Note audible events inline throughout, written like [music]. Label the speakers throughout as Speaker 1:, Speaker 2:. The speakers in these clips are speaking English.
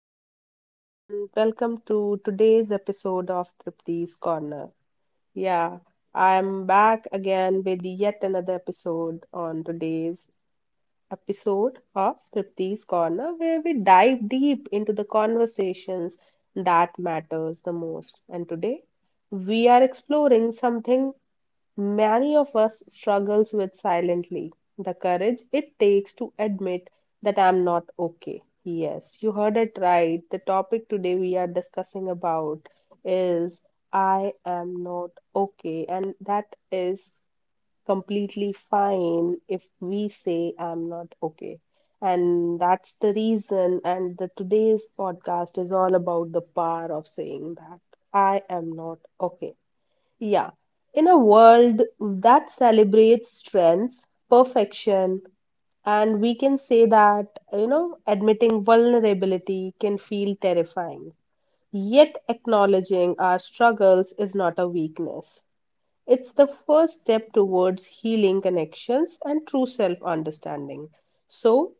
Speaker 1: Hello, everyone. Welcome to today's episode of Tripti's Corner. Yeah, I'm back again with yet another episode on today's episode of Tripti's Corner, where we dive deep into the conversations that matters the most. And today, we are exploring something many of us struggles with silently, the courage it takes to admit that I'm not okay. Yes, you heard it right. The topic today we are discussing about is I am not okay, and that is completely fine if we say I'm not okay. And that's the reason, and the today's podcast is all about the power of saying that I am not okay. Yeah. In a world that celebrates strengths, perfection, and we can say that, admitting vulnerability can feel terrifying. Yet, acknowledging our struggles is not a weakness. It's the first step towards healing connections and true self understanding. So,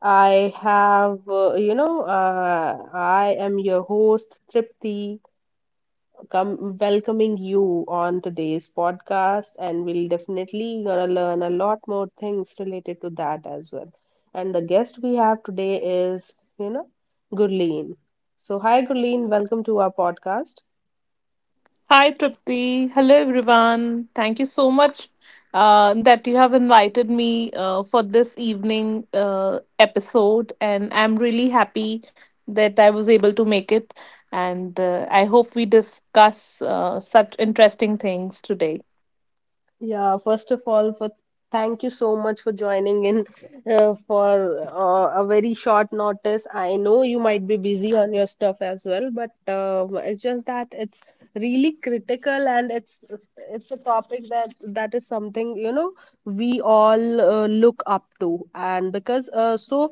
Speaker 1: I am your host, Tripti, come welcoming you on today's podcast and we'll definitely gonna learn a lot more things related to that as well. And the guest we have today is, Gurleen. So hi Gurleen, welcome to our podcast.
Speaker 2: Hi, Tripti. Hello, everyone. Thank you so much that you have invited me for this evening episode. And I'm really happy that I was able to make it. And I hope we discuss such interesting things today.
Speaker 1: Yeah, first of all, for thank you so much for joining in for a very short notice. I know you might be busy on your stuff as well, but it's just that it's really critical and it's a topic that is something you know we all look up to, and because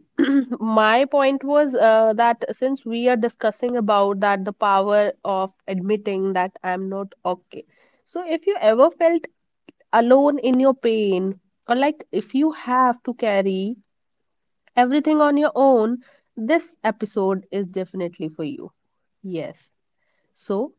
Speaker 1: [clears throat] My point was that since we are discussing about that the power of admitting that I'm not okay. So, if you ever felt alone in your pain, or like if you have to carry everything on your own, this episode is definitely for you. Yes. So,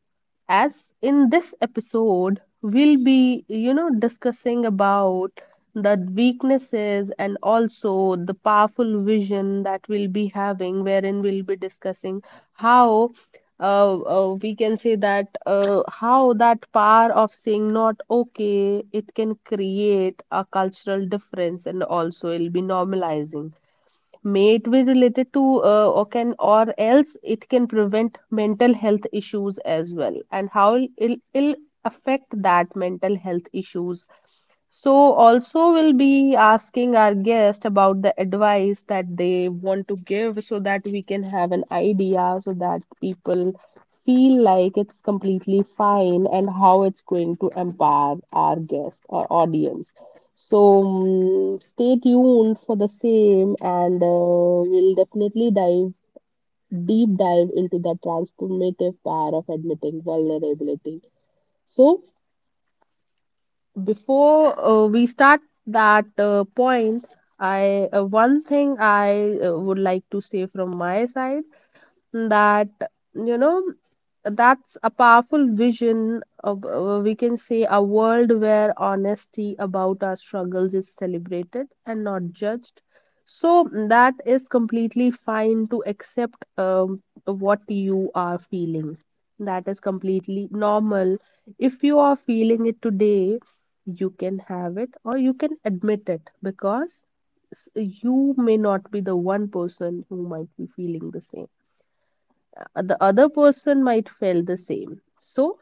Speaker 1: as in this episode, we'll be, discussing about the weaknesses and also the powerful vision that we'll be having, wherein we'll be discussing how we can say that how that power of saying not okay, it can create a cultural difference and also it'll be normalizing, may it be related to or can or else it can prevent mental health issues as well, and how it'll affect that mental health issues. So, also, we'll be asking our guest about the advice that they want to give so that we can have an idea so that people feel like it's completely fine and how it's going to empower our guest or audience. So, stay tuned for the same, and we'll definitely dive deep dive into the transformative power of admitting vulnerability. So, before we start that point, I one thing I would like to say from my side, that you know, that's a powerful vision of, we can say, a world where honesty about our struggles is celebrated and not judged. So that is completely fine to accept what you are feeling. That is completely normal. If you are feeling it today, you can have it or you can admit it because you may not be the one person who might be feeling the same. The other person might feel the same. So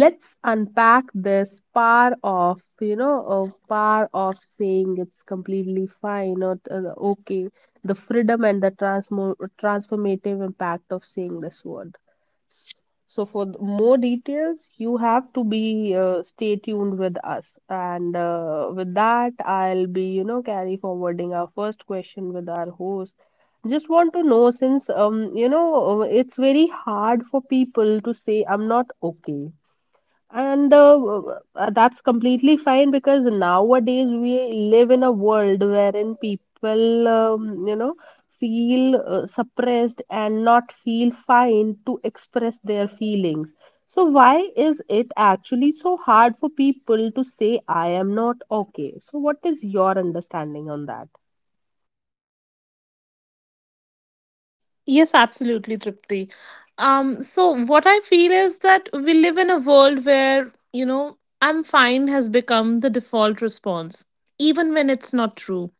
Speaker 1: let's unpack this power of, you know, power of saying it's completely fine or, okay, the freedom and the transformative impact of saying this word. So for more details, you have to be stay tuned with us. And with that, I'll be, you know, carry forwarding our first question with our host. Just want to know, since it's very hard for people to say I'm not okay. And that's completely fine because nowadays we live in a world wherein people, feel suppressed and not feel fine to express their feelings. So, why is it actually so hard for people to say, I am not okay? So, what is your understanding on that?
Speaker 2: Yes, absolutely, Tripti. So, what I feel is that we live in a world where, you know, I'm fine has become the default response, even when it's not true.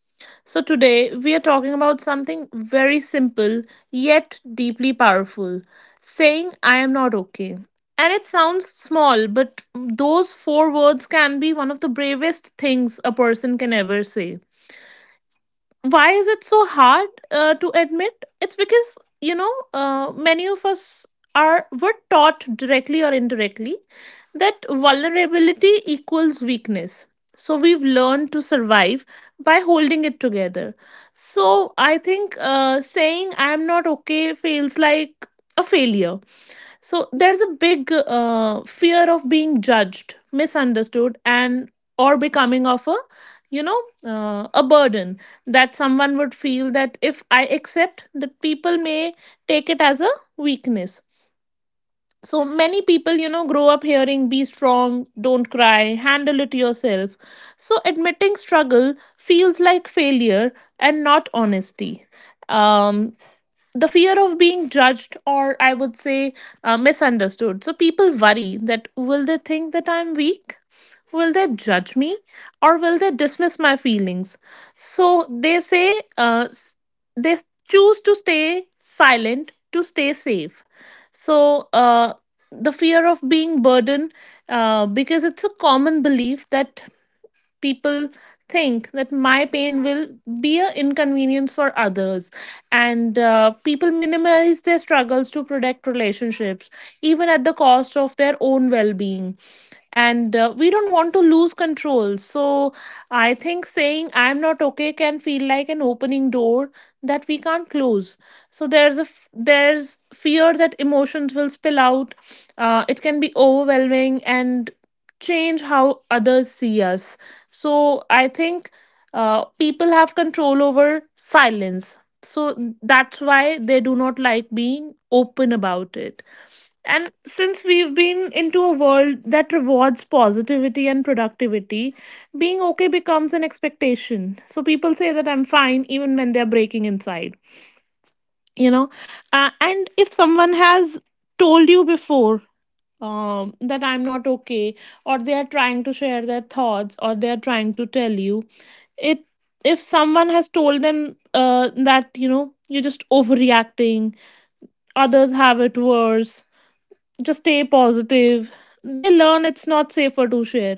Speaker 2: So, today we are talking about something very simple yet deeply powerful, saying, I am not okay. And it sounds small, but those four words can be one of the bravest things a person can ever say. Why is it so hard to admit? It's because, you know, many of us are were taught directly or indirectly that vulnerability equals weakness. So we've learned to survive by holding it together. So I think, saying I'm not okay feels like a failure. So there's a big fear of being judged, misunderstood, and or becoming of a, you know, a burden. That someone would feel that if I accept, that people may take it as a weakness. So many people, you know, grow up hearing, be strong, don't cry, handle it yourself. So admitting struggle feels like failure and not honesty. Um the fear of being judged, or I would say, misunderstood. So people worry that, will they think that I'm weak? Will they judge me? Or will they dismiss my feelings? So they say, they choose to stay silent to stay safe. So the fear of being burdened, because it's a common belief that people think that my pain will be an inconvenience for others. And people minimize their struggles to protect relationships, even at the cost of their own well-being. And we don't want to lose control. So I think saying I'm not okay can feel like an opening door that we can't close. So there's a there's fear that emotions will spill out. It can be overwhelming and change how others see us. So I think people have control over silence. So that's why they do not like being open about it. And since we've been into a world that rewards positivity and productivity, being okay becomes an expectation. So people say that I'm fine even when they're breaking inside, you know. And if someone has told you before that I'm not okay, or they are trying to share their thoughts, or they are trying to tell you. It if someone has told them that, you know, you're just overreacting, others have it worse, just stay positive, they learn it's not safer to share,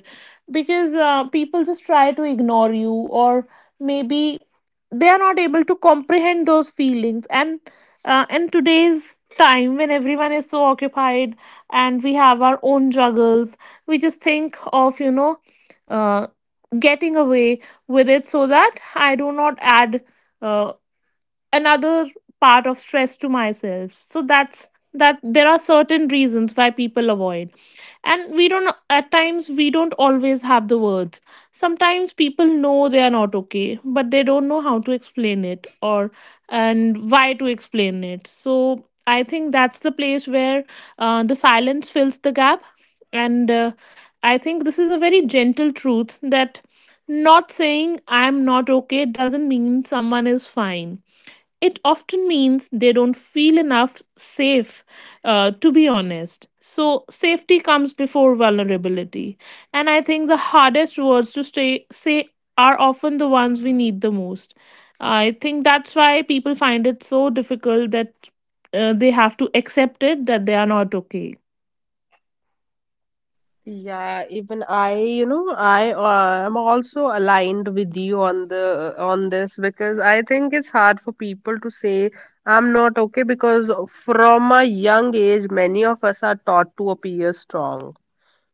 Speaker 2: because people just try to ignore you, or maybe they are not able to comprehend those feelings. And in today's time, when everyone is so occupied and we have our own juggles, we just think of, you know, uh, getting away with it, so that I do not add uh, another part of stress to myself. So that's that, there are certain reasons why people avoid. And we don't, at times we don't always have the words. Sometimes people know they are not okay but they don't know how to explain it, or and why to explain it. So I think that's the place where the silence fills the gap. And I think this is a very gentle truth, that not saying I'm not okay doesn't mean someone is fine. It often means they don't feel enough safe to be honest. So safety comes before vulnerability. And I think the hardest words to say are often the ones we need the most. I think that's why people find it so difficult, that they have to accept it, that they are not okay.
Speaker 1: Yeah, even I, you know, I am also aligned with you on the on this because I think it's hard for people to say I'm not okay because from a young age, many of us are taught to appear strong,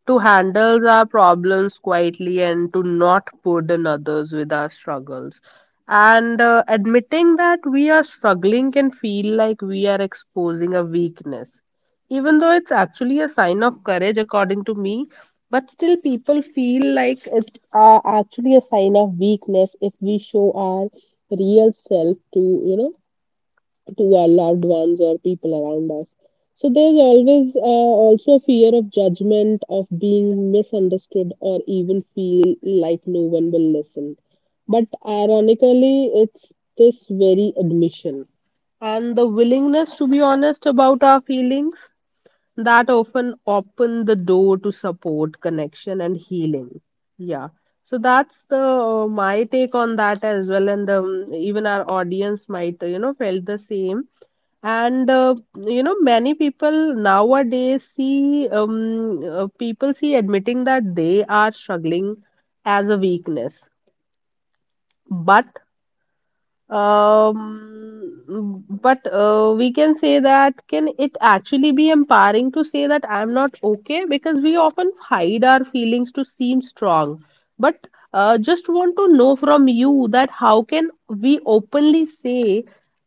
Speaker 1: to handle our problems quietly and to not burden others with our struggles. And admitting that we are struggling can feel like we are exposing a weakness, even though it's actually a sign of courage, according to me. But still, people feel like it's actually a sign of weakness if we show our real self to, you know, to our loved ones or people around us. So there's always also a fear of judgment, of being misunderstood, or even feel like no one will listen. But ironically, it's this very admission and the willingness to be honest about our feelings that often open the door to support, connection and healing. Yeah. So that's the, my take on that as well, and even our audience might felt the same. And many people nowadays see, people see admitting that they are struggling as a weakness, but we can say that, can it actually be empowering to say that I'm not okay? Because we often hide our feelings to seem strong. But just want to know from you that how can we openly say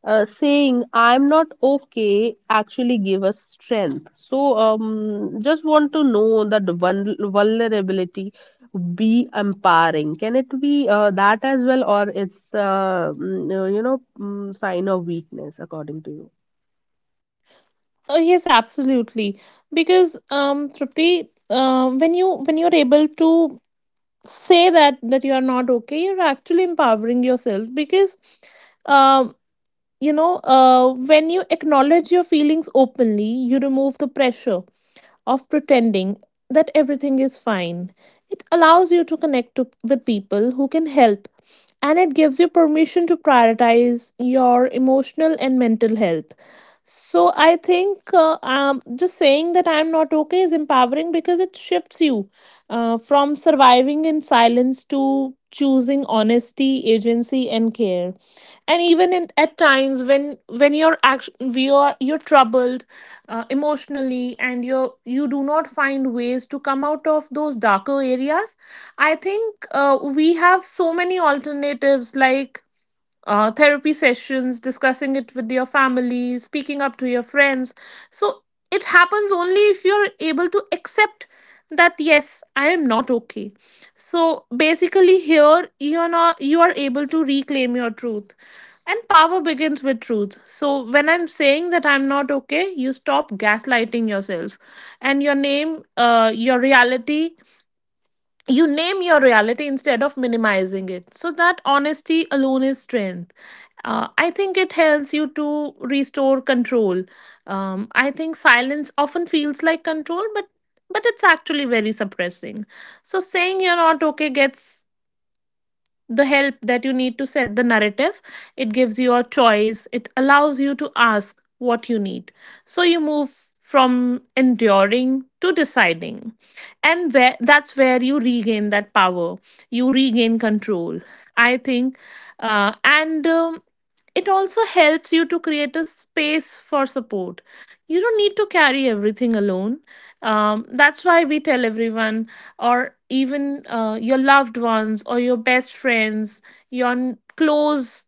Speaker 1: saying I'm not okay actually give us strength. So, just want to know that vulnerability be empowering. Can it be that as well, or it's sign of weakness according to you?
Speaker 2: Oh yes, absolutely. Because, Tripti, when you're able to say that, that you are not okay, you're actually empowering yourself. Because um you know, when you acknowledge your feelings openly, you remove the pressure of pretending that everything is fine. It allows you to connect to, with people who can help, and it gives you permission to prioritize your emotional and mental health. So I think, just saying that I'm not okay is empowering, because it shifts you from surviving in silence to choosing honesty, agency, resiliency and care. And even in, at times, when you're you're troubled emotionally, and you do not find ways to come out of those darker areas. I think we have so many alternatives, like therapy sessions, discussing it with your family, speaking up to your friends. So it happens only if you're able to accept that yes, I am not okay. So basically, here you're not, you are able to reclaim your truth. And power begins with truth. So when I'm saying that I'm not okay, you stop gaslighting yourself, and you name your reality instead of minimizing it. So that honesty alone is strength. I think it helps you to restore control. I think silence often feels like control, but it's actually very suppressing. So saying you're not okay gets the help that you need to set the narrative. It gives you a choice. It allows you to ask what you need. So you move from enduring to deciding. And where, that's where you regain that power. You regain control, I think. And It also helps you to create a space for support. You don't need to carry everything alone. That's why we tell everyone, or even your loved ones, or your best friends, your close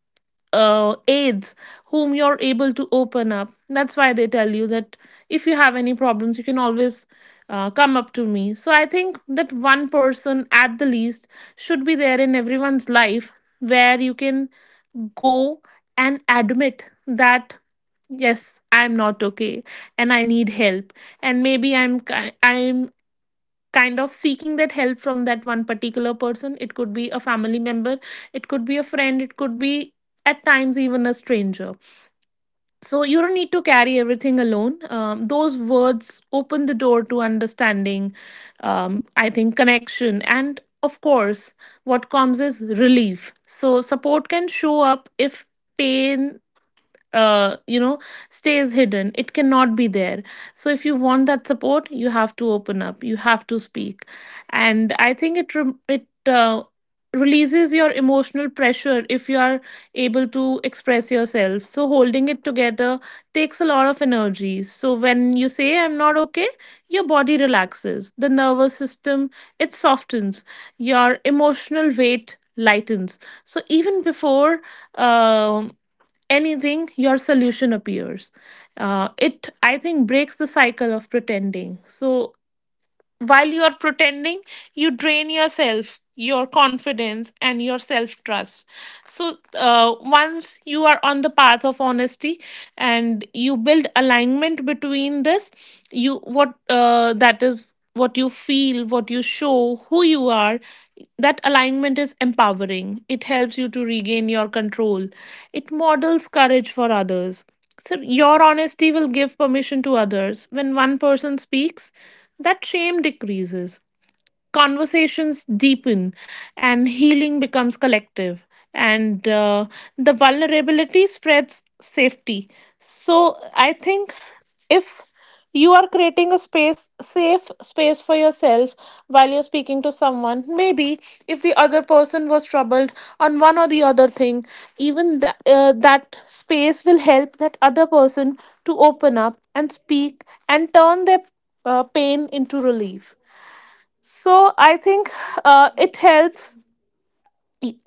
Speaker 2: aides whom you're able to open up. That's why they tell you that if you have any problems, you can always come up to me. So I think that one person at the least should be there in everyone's life, where you can go and admit that yes, I'm not okay, and I need help. And maybe I'm kind of seeking that help from that one particular person. It could be a family member, it could be a friend, it could be at times even a stranger. So you don't need to carry everything alone. Those words open the door to understanding, I think connection, and of course what comes is relief. So support can show up. If pain, you know, stays hidden, it cannot be there. So if you want that support, you have to open up, you have to speak. And I think it rem it releases your emotional pressure if you are able to express yourself. So holding it together takes a lot of energy. So when you say I'm not okay, your body relaxes, the nervous system, it softens, your emotional weight lightens. So even before um anything, your solution appears. It, I think, breaks the cycle of pretending. So while you are pretending, you drain yourself, your confidence and your self trust. So once you are on the path of honesty, and you build alignment between this, you what that is what you feel, what you show, who you are. That alignment is empowering. It helps you to regain your control. It models courage for others. So your honesty will give permission to others. When one person speaks, that shame decreases, conversations deepen, and healing becomes collective. And the vulnerability spreads safety. So I think, if you are creating a space safe space for yourself, while you're speaking to someone, maybe if the other person was troubled on one or the other thing, even that space will help that other person to open up and speak, and turn their pain into relief. So I think it helps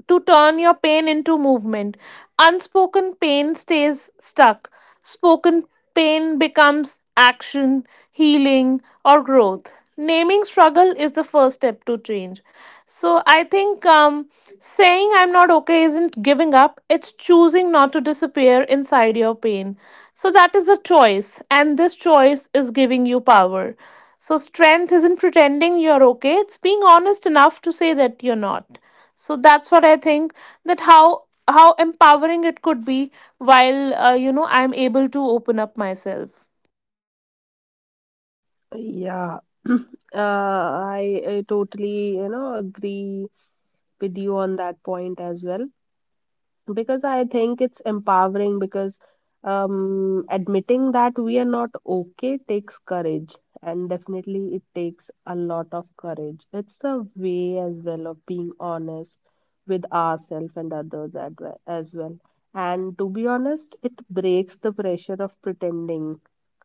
Speaker 2: to turn your pain into movement. Unspoken pain stays stuck. Spoken pain becomes action, healing, or growth. Naming struggle is the first step to change. So I think, saying I'm not okay isn't giving up, it's choosing not to disappear inside your pain. So that is a choice, and this choice is giving you power. So strength isn't pretending you're okay, it's being honest enough to say that you're not. So that's what I think, that how empowering it could be, while you know, I'm able to open up myself.
Speaker 1: Yeah, [clears throat] uh, I totally you know agree with you on that point as well, because I think it's empowering because admitting that we are not okay takes courage, and definitely it takes a lot of courage. It's a way as well of being honest with ourselves and others at as well. And to be honest, it breaks the pressure of pretending,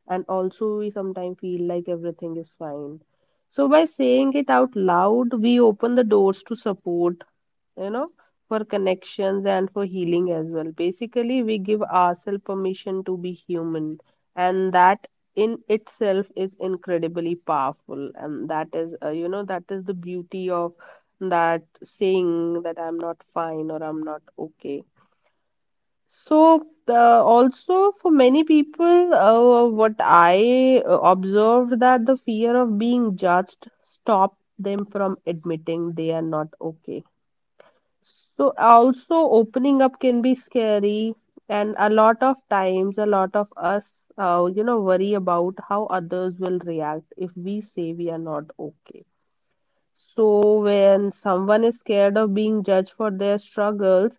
Speaker 1: and also we sometimes feel like everything is fine. So, by saying it out loud, we open the doors to support, you know, for connections and for healing as well. Basically we give ourselves permission to be human, and that in itself is incredibly powerful, and that is, that is the beauty of that, saying that I'm not fine or I'm not okay. So also for many people, what I observed, that the fear of being judged stop them from admitting they are not okay. So also opening up can be scary, and a lot of times a lot of us, worry about how others will react if we say we are not okay. So when someone is scared of being judged for their struggles,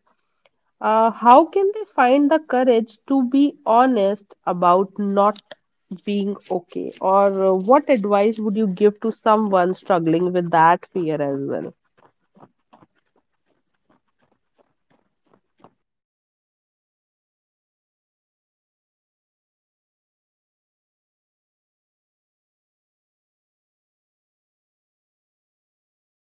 Speaker 1: how can they find the courage to be honest about not being okay? Or what advice would you give to someone struggling with that fear as well?
Speaker 2: So, you know, when uh, the fear of judgment, you know, someone who fears this judgment after saying that I'm not okay,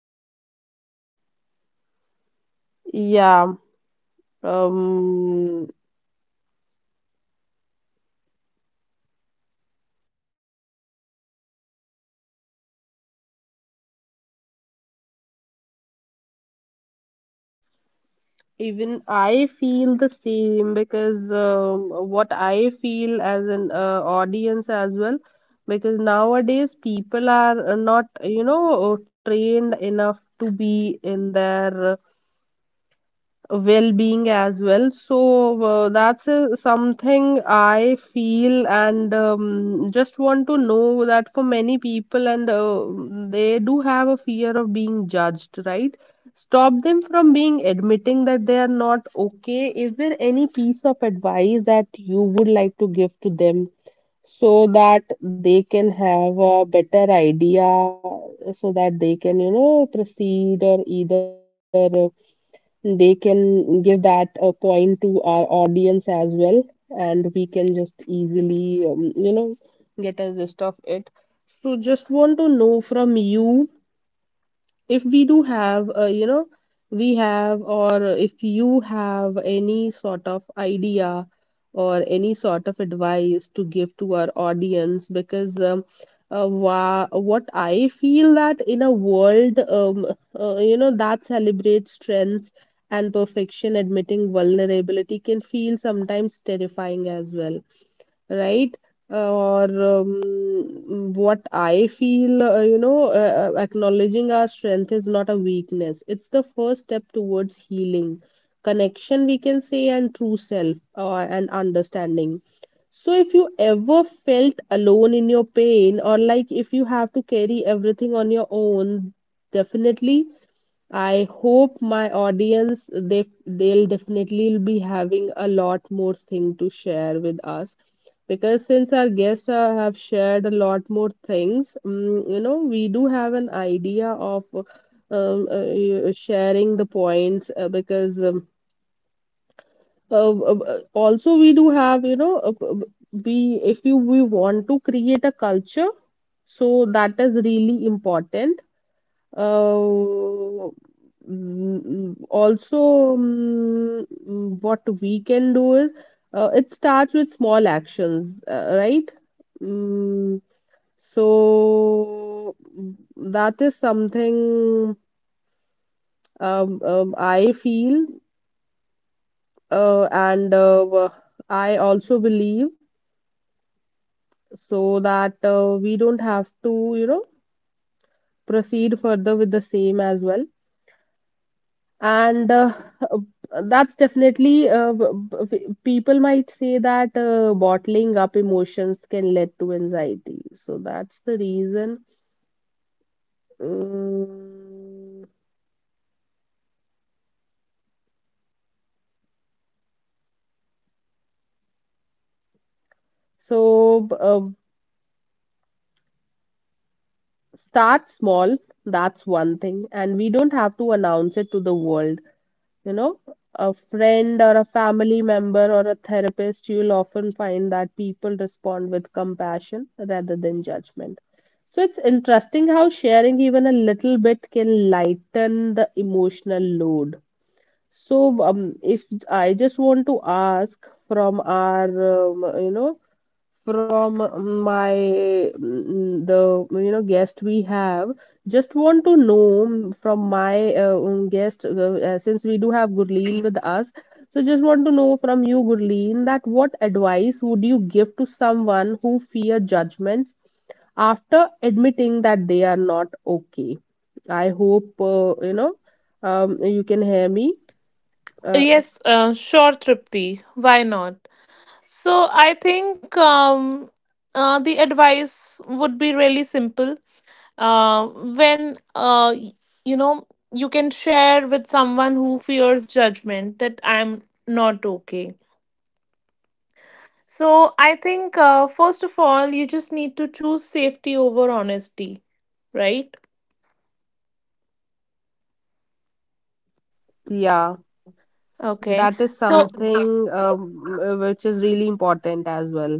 Speaker 2: um it's natural that the person is grounded,
Speaker 1: Yeah.
Speaker 2: compassionate, and practical
Speaker 1: Um,
Speaker 2: enough to actually help. So I think, um choose safety before honesty. You don't owe your vulnerability to everyone. Start with one
Speaker 1: Even I
Speaker 2: trusted
Speaker 1: feel the
Speaker 2: person, a
Speaker 1: same
Speaker 2: safe
Speaker 1: because,
Speaker 2: space, a
Speaker 1: what
Speaker 2: neutral
Speaker 1: I feel as
Speaker 2: professional.
Speaker 1: an
Speaker 2: So,
Speaker 1: audience as
Speaker 2: safety
Speaker 1: well,
Speaker 2: matters more
Speaker 1: because
Speaker 2: than
Speaker 1: nowadays
Speaker 2: courage,
Speaker 1: people are
Speaker 2: I
Speaker 1: not,
Speaker 2: think. So, you don't need to
Speaker 1: trained
Speaker 2: explain
Speaker 1: enough to
Speaker 2: everything,
Speaker 1: be in
Speaker 2: saying that
Speaker 1: their
Speaker 2: I'm not okay. It doesn't require
Speaker 1: well-being as
Speaker 2: details.
Speaker 1: well.
Speaker 2: Simple
Speaker 1: So
Speaker 2: is enough.
Speaker 1: that's
Speaker 2: Maybe a
Speaker 1: something
Speaker 2: very simple
Speaker 1: I
Speaker 2: sentence
Speaker 1: feel,
Speaker 2: that
Speaker 1: and
Speaker 2: I'm struggling,
Speaker 1: just want to know that for many people, and
Speaker 2: and
Speaker 1: they
Speaker 2: I'm
Speaker 1: do
Speaker 2: not in a
Speaker 1: have a
Speaker 2: great
Speaker 1: fear of
Speaker 2: space
Speaker 1: being
Speaker 2: right now.
Speaker 1: judged, right?
Speaker 2: So, boundaries
Speaker 1: Stop them
Speaker 2: protect
Speaker 1: from being
Speaker 2: vulnerability.
Speaker 1: admitting that they are
Speaker 2: But just
Speaker 1: not
Speaker 2: remember,
Speaker 1: okay. Is there
Speaker 2: uh,
Speaker 1: any piece of
Speaker 2: judgment
Speaker 1: advice that you
Speaker 2: reflects
Speaker 1: would like to give
Speaker 2: others,
Speaker 1: to
Speaker 2: not
Speaker 1: them
Speaker 2: you. If
Speaker 1: so
Speaker 2: someone
Speaker 1: that
Speaker 2: judges
Speaker 1: they
Speaker 2: your
Speaker 1: can
Speaker 2: honesty,
Speaker 1: have
Speaker 2: it
Speaker 1: a
Speaker 2: shows
Speaker 1: better
Speaker 2: their
Speaker 1: idea,
Speaker 2: discomfort, their
Speaker 1: so that
Speaker 2: limits,
Speaker 1: they can, you
Speaker 2: their
Speaker 1: know,
Speaker 2: lack of
Speaker 1: proceed, or
Speaker 2: emotional
Speaker 1: either
Speaker 2: capacity. It does not
Speaker 1: they
Speaker 2: define
Speaker 1: can
Speaker 2: your
Speaker 1: give
Speaker 2: strength
Speaker 1: that
Speaker 2: or
Speaker 1: a
Speaker 2: worth.
Speaker 1: point to our
Speaker 2: So, I
Speaker 1: audience as
Speaker 2: think,
Speaker 1: well,
Speaker 2: practice self
Speaker 1: and we can
Speaker 2: validation
Speaker 1: just
Speaker 2: first.
Speaker 1: easily,
Speaker 2: Before speaking,
Speaker 1: get a gist of it.
Speaker 2: even
Speaker 1: So
Speaker 2: before
Speaker 1: just want to
Speaker 2: seeking
Speaker 1: know from
Speaker 2: understanding
Speaker 1: you,
Speaker 2: from others, give it to
Speaker 1: if we do
Speaker 2: yourself.
Speaker 1: have
Speaker 2: Remind yourself
Speaker 1: we
Speaker 2: what
Speaker 1: have,
Speaker 2: I'm
Speaker 1: or
Speaker 2: feeling is
Speaker 1: if
Speaker 2: real,
Speaker 1: you have
Speaker 2: even
Speaker 1: any sort of idea
Speaker 2: if not
Speaker 1: or any
Speaker 2: everyone
Speaker 1: sort of
Speaker 2: understands it.
Speaker 1: advice to give to our
Speaker 2: Self
Speaker 1: audience,
Speaker 2: trust
Speaker 1: because
Speaker 2: softens the sting of
Speaker 1: what
Speaker 2: judgment.
Speaker 1: I feel, that in a
Speaker 2: So uh,
Speaker 1: world,
Speaker 2: expected uh, ex-
Speaker 1: that
Speaker 2: and
Speaker 1: celebrates
Speaker 2: also, while you're
Speaker 1: strengths
Speaker 2: sharing,
Speaker 1: and
Speaker 2: do
Speaker 1: perfection,
Speaker 2: not
Speaker 1: admitting
Speaker 2: try
Speaker 1: vulnerability can
Speaker 2: and, uh,
Speaker 1: feel
Speaker 2: you know
Speaker 1: sometimes
Speaker 2: expect
Speaker 1: terrifying as well,
Speaker 2: reactions that
Speaker 1: right?
Speaker 2: are in
Speaker 1: Or
Speaker 2: accordance to your thought
Speaker 1: what
Speaker 2: process.
Speaker 1: I
Speaker 2: so
Speaker 1: feel,
Speaker 2: just um
Speaker 1: acknowledging
Speaker 2: expect
Speaker 1: our
Speaker 2: mixed
Speaker 1: strength is not a
Speaker 2: reactions,
Speaker 1: weakness. It's the first step towards
Speaker 2: okay?
Speaker 1: healing,
Speaker 2: and
Speaker 1: connection, we can
Speaker 2: um
Speaker 1: say, and true self or and understanding. So,
Speaker 2: so
Speaker 1: if
Speaker 2: just
Speaker 1: you
Speaker 2: expect
Speaker 1: ever
Speaker 2: mixed
Speaker 1: felt
Speaker 2: reactions,
Speaker 1: alone
Speaker 2: and
Speaker 1: in your
Speaker 2: that's okay.
Speaker 1: pain, or
Speaker 2: Some
Speaker 1: like
Speaker 2: people
Speaker 1: if
Speaker 2: will
Speaker 1: you have to
Speaker 2: respond with
Speaker 1: carry
Speaker 2: care,
Speaker 1: everything on your
Speaker 2: some won't
Speaker 1: own,
Speaker 2: know what to
Speaker 1: definitely
Speaker 2: say, some
Speaker 1: I
Speaker 2: may
Speaker 1: hope my
Speaker 2: minimize.
Speaker 1: audience
Speaker 2: None of
Speaker 1: they
Speaker 2: these
Speaker 1: they'll definitely
Speaker 2: invalidate
Speaker 1: be
Speaker 2: your
Speaker 1: having a
Speaker 2: experience.
Speaker 1: lot more thing to share with us because since our guests have shared a lot more things, you know, we do have an idea of sharing the points because also we do have you know we if you we want to create a culture so that is really important. uh, what we can do is it starts with small actions, right? Mm, that is something, I feel. uh, and uh, wha- I also believe so that we don't have to, you know, proceed further with the same as well. And that's definitely b- b- People might say that bottling up emotions can lead to anxiety, so that's the reason. Mm, so b- uh, Start small, that's one thing, and we don't have to announce it to the world, you know, a friend or a family member or a therapist. You'll often find that people respond with compassion rather than judgment. So it's interesting how sharing even a little bit can lighten the emotional load. If I just want to ask from our, you know, from my the you know guest we have, just want to know from my guest, since we do have Gurleen with us. So just want to know from you Gurleen, that what advice would you give to someone who fear judgments after admitting that they are not okay. I hope you know, you can hear me. uh,
Speaker 2: Yes, sure, Tripti. Why not? So I think, the advice would be really simple. When you know you can share with someone who fears judgment that I'm not okay. So I think, first of all, you just need to choose safety over honesty, right?
Speaker 1: yeah,
Speaker 2: Okay.
Speaker 1: that is
Speaker 2: So
Speaker 1: something, which is really important as well.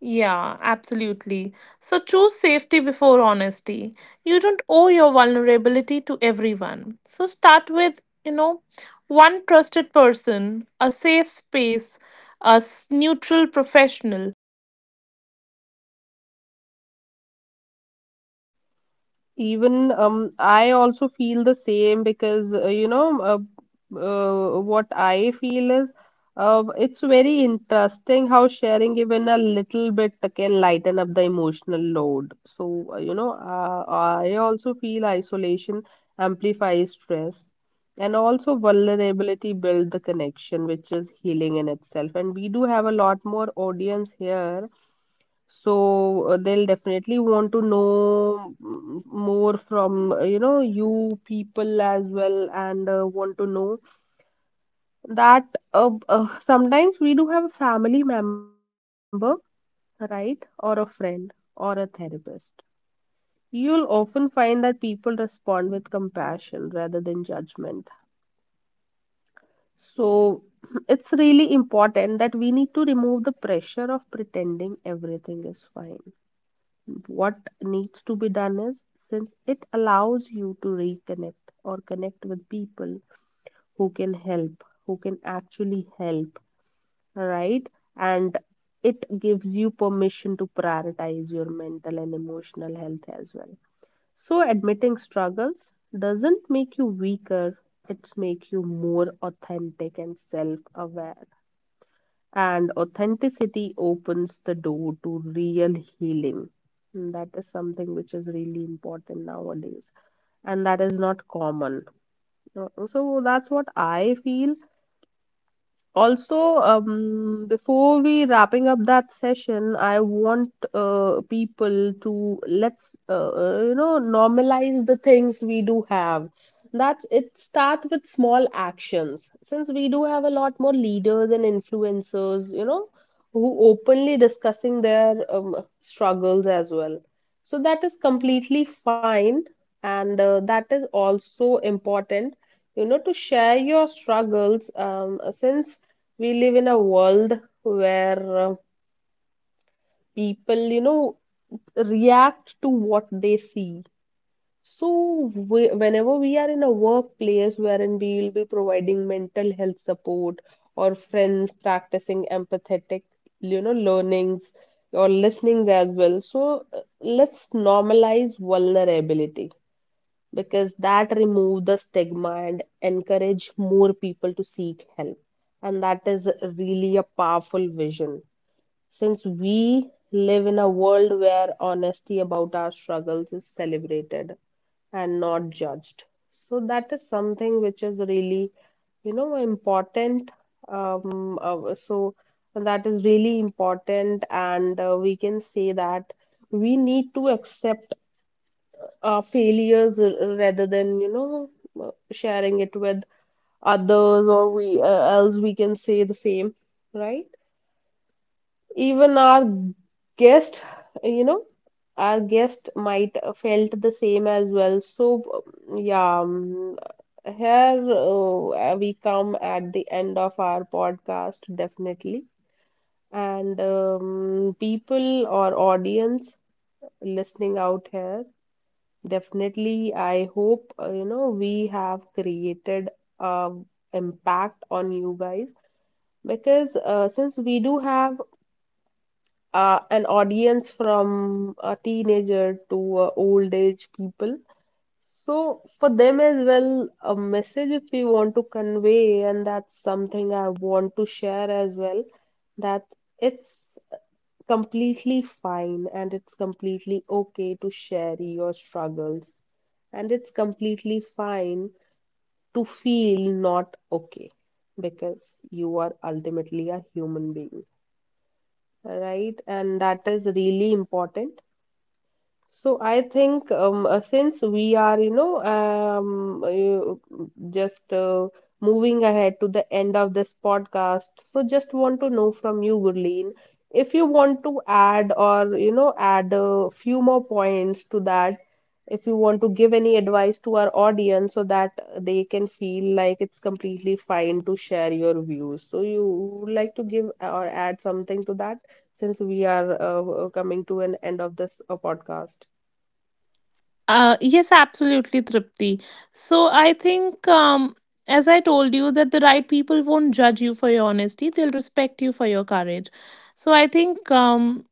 Speaker 2: Yeah, absolutely. So choose safety before honesty. You don't owe your vulnerability to everyone. So start with, you know, one trusted person, a safe space, a neutral professional. Safety matters more than courage. You don't need to explain everything.
Speaker 1: Even,
Speaker 2: So I think
Speaker 1: I also
Speaker 2: saying I'm
Speaker 1: feel the
Speaker 2: not
Speaker 1: same
Speaker 2: okay doesn't
Speaker 1: because
Speaker 2: require details. Simple is
Speaker 1: what
Speaker 2: enough.
Speaker 1: I feel
Speaker 2: I'm
Speaker 1: is,
Speaker 2: struggling.
Speaker 1: it's very
Speaker 2: I'm not
Speaker 1: interesting
Speaker 2: in
Speaker 1: how
Speaker 2: a great
Speaker 1: sharing
Speaker 2: space
Speaker 1: even a
Speaker 2: right now.
Speaker 1: little bit can lighten
Speaker 2: Boundaries
Speaker 1: up the
Speaker 2: protect your
Speaker 1: emotional load.
Speaker 2: vulnerability.
Speaker 1: So
Speaker 2: So you have to just
Speaker 1: I also
Speaker 2: remember
Speaker 1: feel
Speaker 2: that
Speaker 1: isolation
Speaker 2: judgment
Speaker 1: amplifies
Speaker 2: reflect
Speaker 1: stress, and
Speaker 2: others,
Speaker 1: also
Speaker 2: not you.
Speaker 1: vulnerability
Speaker 2: If
Speaker 1: build the
Speaker 2: you if
Speaker 1: connection,
Speaker 2: someone,
Speaker 1: which is healing in itself.
Speaker 2: who is
Speaker 1: And we do
Speaker 2: there
Speaker 1: have a
Speaker 2: and you
Speaker 1: lot
Speaker 2: share
Speaker 1: more
Speaker 2: your thoughts
Speaker 1: audience
Speaker 2: with,
Speaker 1: here,
Speaker 2: and that person judges
Speaker 1: so
Speaker 2: you
Speaker 1: they'll
Speaker 2: for your
Speaker 1: definitely want
Speaker 2: honesty,
Speaker 1: to
Speaker 2: it
Speaker 1: know,
Speaker 2: shows their
Speaker 1: more from, you know, you
Speaker 2: discomfort,
Speaker 1: people as
Speaker 2: their
Speaker 1: well,
Speaker 2: limits.
Speaker 1: and want to know
Speaker 2: Um,
Speaker 1: that
Speaker 2: okay,
Speaker 1: sometimes we
Speaker 2: and
Speaker 1: do have a
Speaker 2: their
Speaker 1: family
Speaker 2: lack of
Speaker 1: member,
Speaker 2: emotional capacity.
Speaker 1: right,
Speaker 2: It
Speaker 1: or a
Speaker 2: does not
Speaker 1: friend
Speaker 2: define your
Speaker 1: or a
Speaker 2: strength.
Speaker 1: therapist. You'll often find
Speaker 2: So
Speaker 1: that
Speaker 2: I
Speaker 1: people
Speaker 2: think you can
Speaker 1: respond with
Speaker 2: practice self
Speaker 1: compassion rather than
Speaker 2: validation first,
Speaker 1: judgment.
Speaker 2: before speaking or understanding
Speaker 1: So
Speaker 2: from others.
Speaker 1: [clears throat] it's really
Speaker 2: Give it to
Speaker 1: important that we
Speaker 2: yourself.
Speaker 1: need to remove the
Speaker 2: Remind
Speaker 1: pressure of
Speaker 2: yourself what I'm
Speaker 1: pretending
Speaker 2: feeling is
Speaker 1: everything is
Speaker 2: real,
Speaker 1: fine.
Speaker 2: even if it is
Speaker 1: What
Speaker 2: not
Speaker 1: needs
Speaker 2: that
Speaker 1: to be done
Speaker 2: everyone
Speaker 1: is, since
Speaker 2: understands
Speaker 1: it
Speaker 2: it.
Speaker 1: allows
Speaker 2: So
Speaker 1: you to
Speaker 2: self
Speaker 1: reconnect or
Speaker 2: trust
Speaker 1: connect with
Speaker 2: softens
Speaker 1: people
Speaker 2: the
Speaker 1: who
Speaker 2: sting
Speaker 1: can
Speaker 2: of
Speaker 1: help,
Speaker 2: judgment,
Speaker 1: who
Speaker 2: I
Speaker 1: can
Speaker 2: guess.
Speaker 1: actually
Speaker 2: And
Speaker 1: help,
Speaker 2: of course, while you're
Speaker 1: right?
Speaker 2: sharing
Speaker 1: And
Speaker 2: something, your
Speaker 1: it
Speaker 2: thoughts may
Speaker 1: gives
Speaker 2: not be
Speaker 1: you
Speaker 2: aligned,
Speaker 1: permission to
Speaker 2: with the
Speaker 1: prioritize
Speaker 2: other
Speaker 1: your mental
Speaker 2: person,
Speaker 1: and
Speaker 2: or
Speaker 1: emotional health
Speaker 2: maybe
Speaker 1: as well.
Speaker 2: the other
Speaker 1: So
Speaker 2: person might
Speaker 1: admitting
Speaker 2: not
Speaker 1: struggles doesn't
Speaker 2: react
Speaker 1: make you
Speaker 2: as you
Speaker 1: weaker,
Speaker 2: expect hip, so
Speaker 1: it's make
Speaker 2: expect
Speaker 1: you
Speaker 2: mixed
Speaker 1: more
Speaker 2: reaction, and
Speaker 1: authentic
Speaker 2: that's
Speaker 1: and
Speaker 2: okay.
Speaker 1: self-aware.
Speaker 2: Some people will respond
Speaker 1: And
Speaker 2: with care, some
Speaker 1: authenticity
Speaker 2: won't know,
Speaker 1: opens the door
Speaker 2: what
Speaker 1: to
Speaker 2: to
Speaker 1: real
Speaker 2: say, and some
Speaker 1: healing.
Speaker 2: may
Speaker 1: And that is
Speaker 2: minimize.
Speaker 1: something
Speaker 2: So,
Speaker 1: which
Speaker 2: none
Speaker 1: is
Speaker 2: of
Speaker 1: really
Speaker 2: these
Speaker 1: important
Speaker 2: invalidate
Speaker 1: nowadays.
Speaker 2: your
Speaker 1: And
Speaker 2: experience.
Speaker 1: that is not
Speaker 2: I
Speaker 1: common.
Speaker 2: think that will help you to
Speaker 1: So
Speaker 2: detach
Speaker 1: that's what I
Speaker 2: vulnerability
Speaker 1: feel.
Speaker 2: from approvals. And the
Speaker 1: Also,
Speaker 2: purpose of honesty is
Speaker 1: before we
Speaker 2: relief.
Speaker 1: wrapping up
Speaker 2: Not
Speaker 1: that
Speaker 2: permission.
Speaker 1: session, I
Speaker 2: So you're
Speaker 1: want
Speaker 2: allowed to speak your truth
Speaker 1: people
Speaker 2: even
Speaker 1: to
Speaker 2: if
Speaker 1: let's
Speaker 2: other feel
Speaker 1: you know
Speaker 2: awkward
Speaker 1: normalize the
Speaker 2: or
Speaker 1: things we do
Speaker 2: solutions
Speaker 1: have.
Speaker 2: don't
Speaker 1: That's
Speaker 2: appear,
Speaker 1: it,
Speaker 2: and
Speaker 1: start with small
Speaker 2: understanding is just
Speaker 1: actions. Since we do have a
Speaker 2: imperfect, I
Speaker 1: lot
Speaker 2: would
Speaker 1: more
Speaker 2: say.
Speaker 1: leaders and
Speaker 2: And
Speaker 1: influencers,
Speaker 2: that
Speaker 1: you
Speaker 2: will
Speaker 1: know,
Speaker 2: help you,
Speaker 1: who
Speaker 2: to
Speaker 1: openly
Speaker 2: reframe your
Speaker 1: discussing their
Speaker 2: courage. And
Speaker 1: struggles
Speaker 2: courage
Speaker 1: as
Speaker 2: isn't
Speaker 1: well.
Speaker 2: being
Speaker 1: So that is
Speaker 2: unafraid of
Speaker 1: completely
Speaker 2: judgment,
Speaker 1: fine,
Speaker 2: courage is
Speaker 1: and
Speaker 2: choosing
Speaker 1: that is
Speaker 2: truth
Speaker 1: also
Speaker 2: despite fear,
Speaker 1: important, you know, to share
Speaker 2: prioritizing
Speaker 1: your struggles.
Speaker 2: well-being over
Speaker 1: Since
Speaker 2: perception. So
Speaker 1: we live in a
Speaker 2: let your
Speaker 1: world
Speaker 2: experience guide
Speaker 1: where
Speaker 2: you. How people respond
Speaker 1: people, you know,
Speaker 2: teaches you who is
Speaker 1: react
Speaker 2: safe,
Speaker 1: to what
Speaker 2: who
Speaker 1: they
Speaker 2: to
Speaker 1: see.
Speaker 2: limit, where to seek
Speaker 1: So,
Speaker 2: support,
Speaker 1: whenever we are in a
Speaker 2: and that's
Speaker 1: workplace
Speaker 2: how,
Speaker 1: wherein we
Speaker 2: I
Speaker 1: will be
Speaker 2: think,
Speaker 1: providing
Speaker 2: information
Speaker 1: mental
Speaker 2: is
Speaker 1: health
Speaker 2: empowering.
Speaker 1: support or
Speaker 2: So just
Speaker 1: friends
Speaker 2: give a gentle
Speaker 1: practicing
Speaker 2: reminder to
Speaker 1: empathetic,
Speaker 2: yourself that
Speaker 1: you
Speaker 2: you're
Speaker 1: know,
Speaker 2: not weak
Speaker 1: learnings
Speaker 2: for
Speaker 1: or
Speaker 2: needing
Speaker 1: listenings
Speaker 2: care.
Speaker 1: as
Speaker 2: You're
Speaker 1: well.
Speaker 2: a
Speaker 1: So,
Speaker 2: human being.
Speaker 1: let's
Speaker 2: Your honesty
Speaker 1: normalize
Speaker 2: is not an
Speaker 1: vulnerability
Speaker 2: inconvenience.
Speaker 1: because that
Speaker 2: And the
Speaker 1: remove the
Speaker 2: right people
Speaker 1: stigma
Speaker 2: won't
Speaker 1: and
Speaker 2: judge you for
Speaker 1: encourage
Speaker 2: your
Speaker 1: more
Speaker 2: honesty,
Speaker 1: people to
Speaker 2: they'll
Speaker 1: seek
Speaker 2: respect
Speaker 1: help.
Speaker 2: you for your
Speaker 1: And that is
Speaker 2: courage.
Speaker 1: really a
Speaker 2: I think
Speaker 1: powerful
Speaker 2: that's
Speaker 1: vision.
Speaker 2: what I
Speaker 1: Since
Speaker 2: will all
Speaker 1: we
Speaker 2: be able to
Speaker 1: live in a
Speaker 2: say.
Speaker 1: world where honesty about our struggles is celebrated and not judged. So that is something which is really, you know, important. So that is really important, and we can say that we need to accept our failures rather than, you know, sharing it with others, or we else we can say the same, right? Even our guest, you know, our guest might felt the same as well, so yeah, here we come at the end of our podcast definitely. And people or audience listening out here, definitely I hope you know we have created a impact on you guys because since we do have an audience from a teenager to old age people. So for them as well, a message if we want to convey, and that's something I want to share as well, that it's completely fine and it's completely okay to share your struggles, and it's completely fine to feel not okay because you are ultimately a human being, right, and that is really important. So I think, since we are, you know, just moving ahead to the end of this podcast, so just want to know from you, Gurleen, if you want to add, or you know, add a few more points to that, if you want to give any advice to our audience so that they can feel like it's completely fine to share your views. So you would like to give or add something to that? Since we are coming to an end of this podcast.
Speaker 2: Yes, absolutely, Tripti. So I think, as I told you, that the right people won't judge you for your honesty; they'll respect you for your courage. So I think,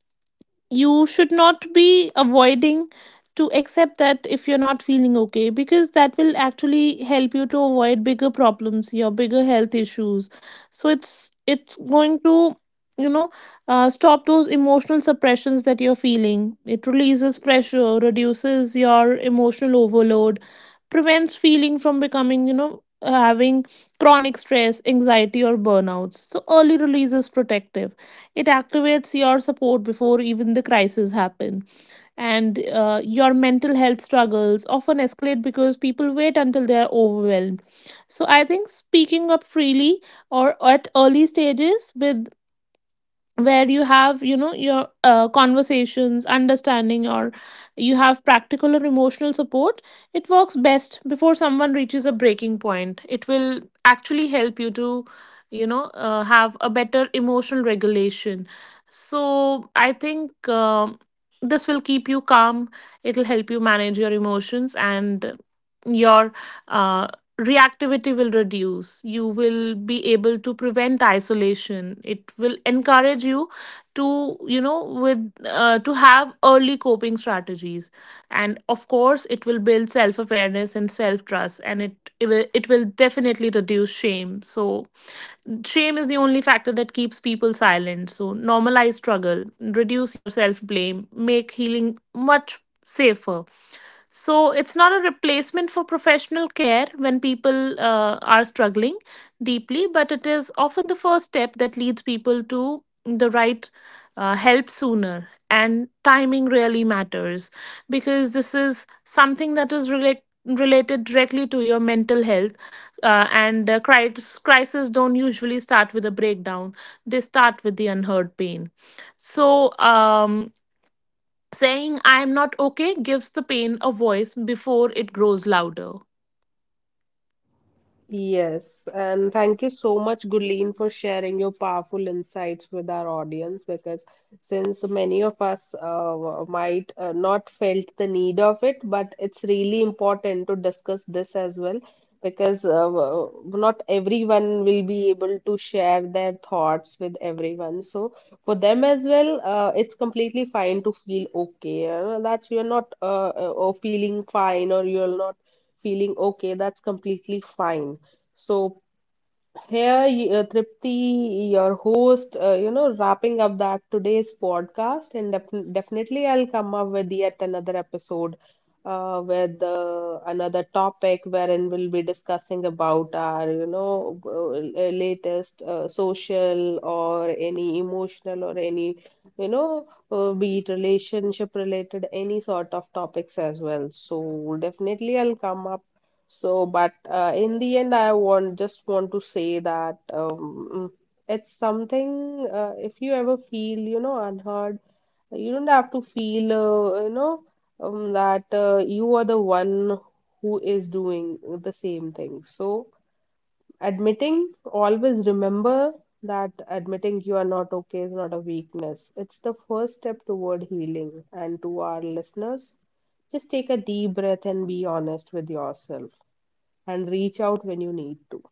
Speaker 2: you should not be avoiding to accept that if you're not feeling okay, because that will actually help you to avoid bigger problems, your bigger health issues. So it's going to, you know, stop those emotional suppressions that you're feeling. It releases pressure, reduces your emotional overload, prevents feeling from becoming, you know, having chronic stress, anxiety, or burnouts. So early release is protective. It activates your support before even the crisis happen. And your mental health struggles often escalate because people wait until they are overwhelmed. So I think speaking up freely, or at early stages, with where you have, you know, your conversations, understanding, or you have practical or emotional support, it works best before someone reaches a breaking point. It will actually help you to, you know, have a better emotional regulation. So I think, um, this will keep you calm, it'll help you manage your emotions, and your uh, reactivity will reduce. You will be able to prevent isolation. It will encourage you to, you know, with to have early coping strategies, and of course, it will build self awareness and self trust. And it will definitely reduce shame. So, shame is the only factor that keeps people silent. So, normalize struggle, reduce your self blame, make healing much safer. So it's not a replacement for professional care when people, are struggling deeply, but it is often the first step that leads people to the right help sooner. And timing really matters, because this is something that is related. Related directly to your mental health, and crises don't usually start with a breakdown. They start with the unheard pain. So, saying I'm not okay gives the pain a voice before it grows louder.
Speaker 1: Yes, and thank you so much, Gulleen, for sharing your powerful insights with our audience, because since many of us might not felt the need of it, but it's really important to discuss this as well because not everyone will be able to share their thoughts with everyone, so for them as well it's completely fine to feel okay, that's you're not or feeling fine or you're not feeling okay, that's completely fine. So here, Tripti, your host, you know, wrapping up that today's podcast, and definitely I'll come up with yet another episode with another topic wherein we'll be discussing about our, you know, latest social or any emotional or any, you know, be it relationship related, any sort of topics as well. So definitely I'll come up. So, but in the end, I want just want to say that it's something. If you ever feel, you know, unheard, you don't have to feel, you know, that you are the one who is doing the same thing. So, admitting, always remember that admitting you are not okay is not a weakness. It's the first step toward healing. And to our listeners, just take a deep breath and be honest with yourself and reach out when you need to.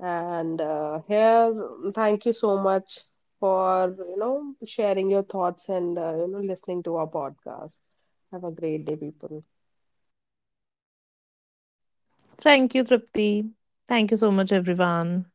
Speaker 1: And here, thank you so much for you know sharing your thoughts and you know listening to our podcast. Have a great day, people.
Speaker 2: Thank you, Tripti. Thank you so much, everyone.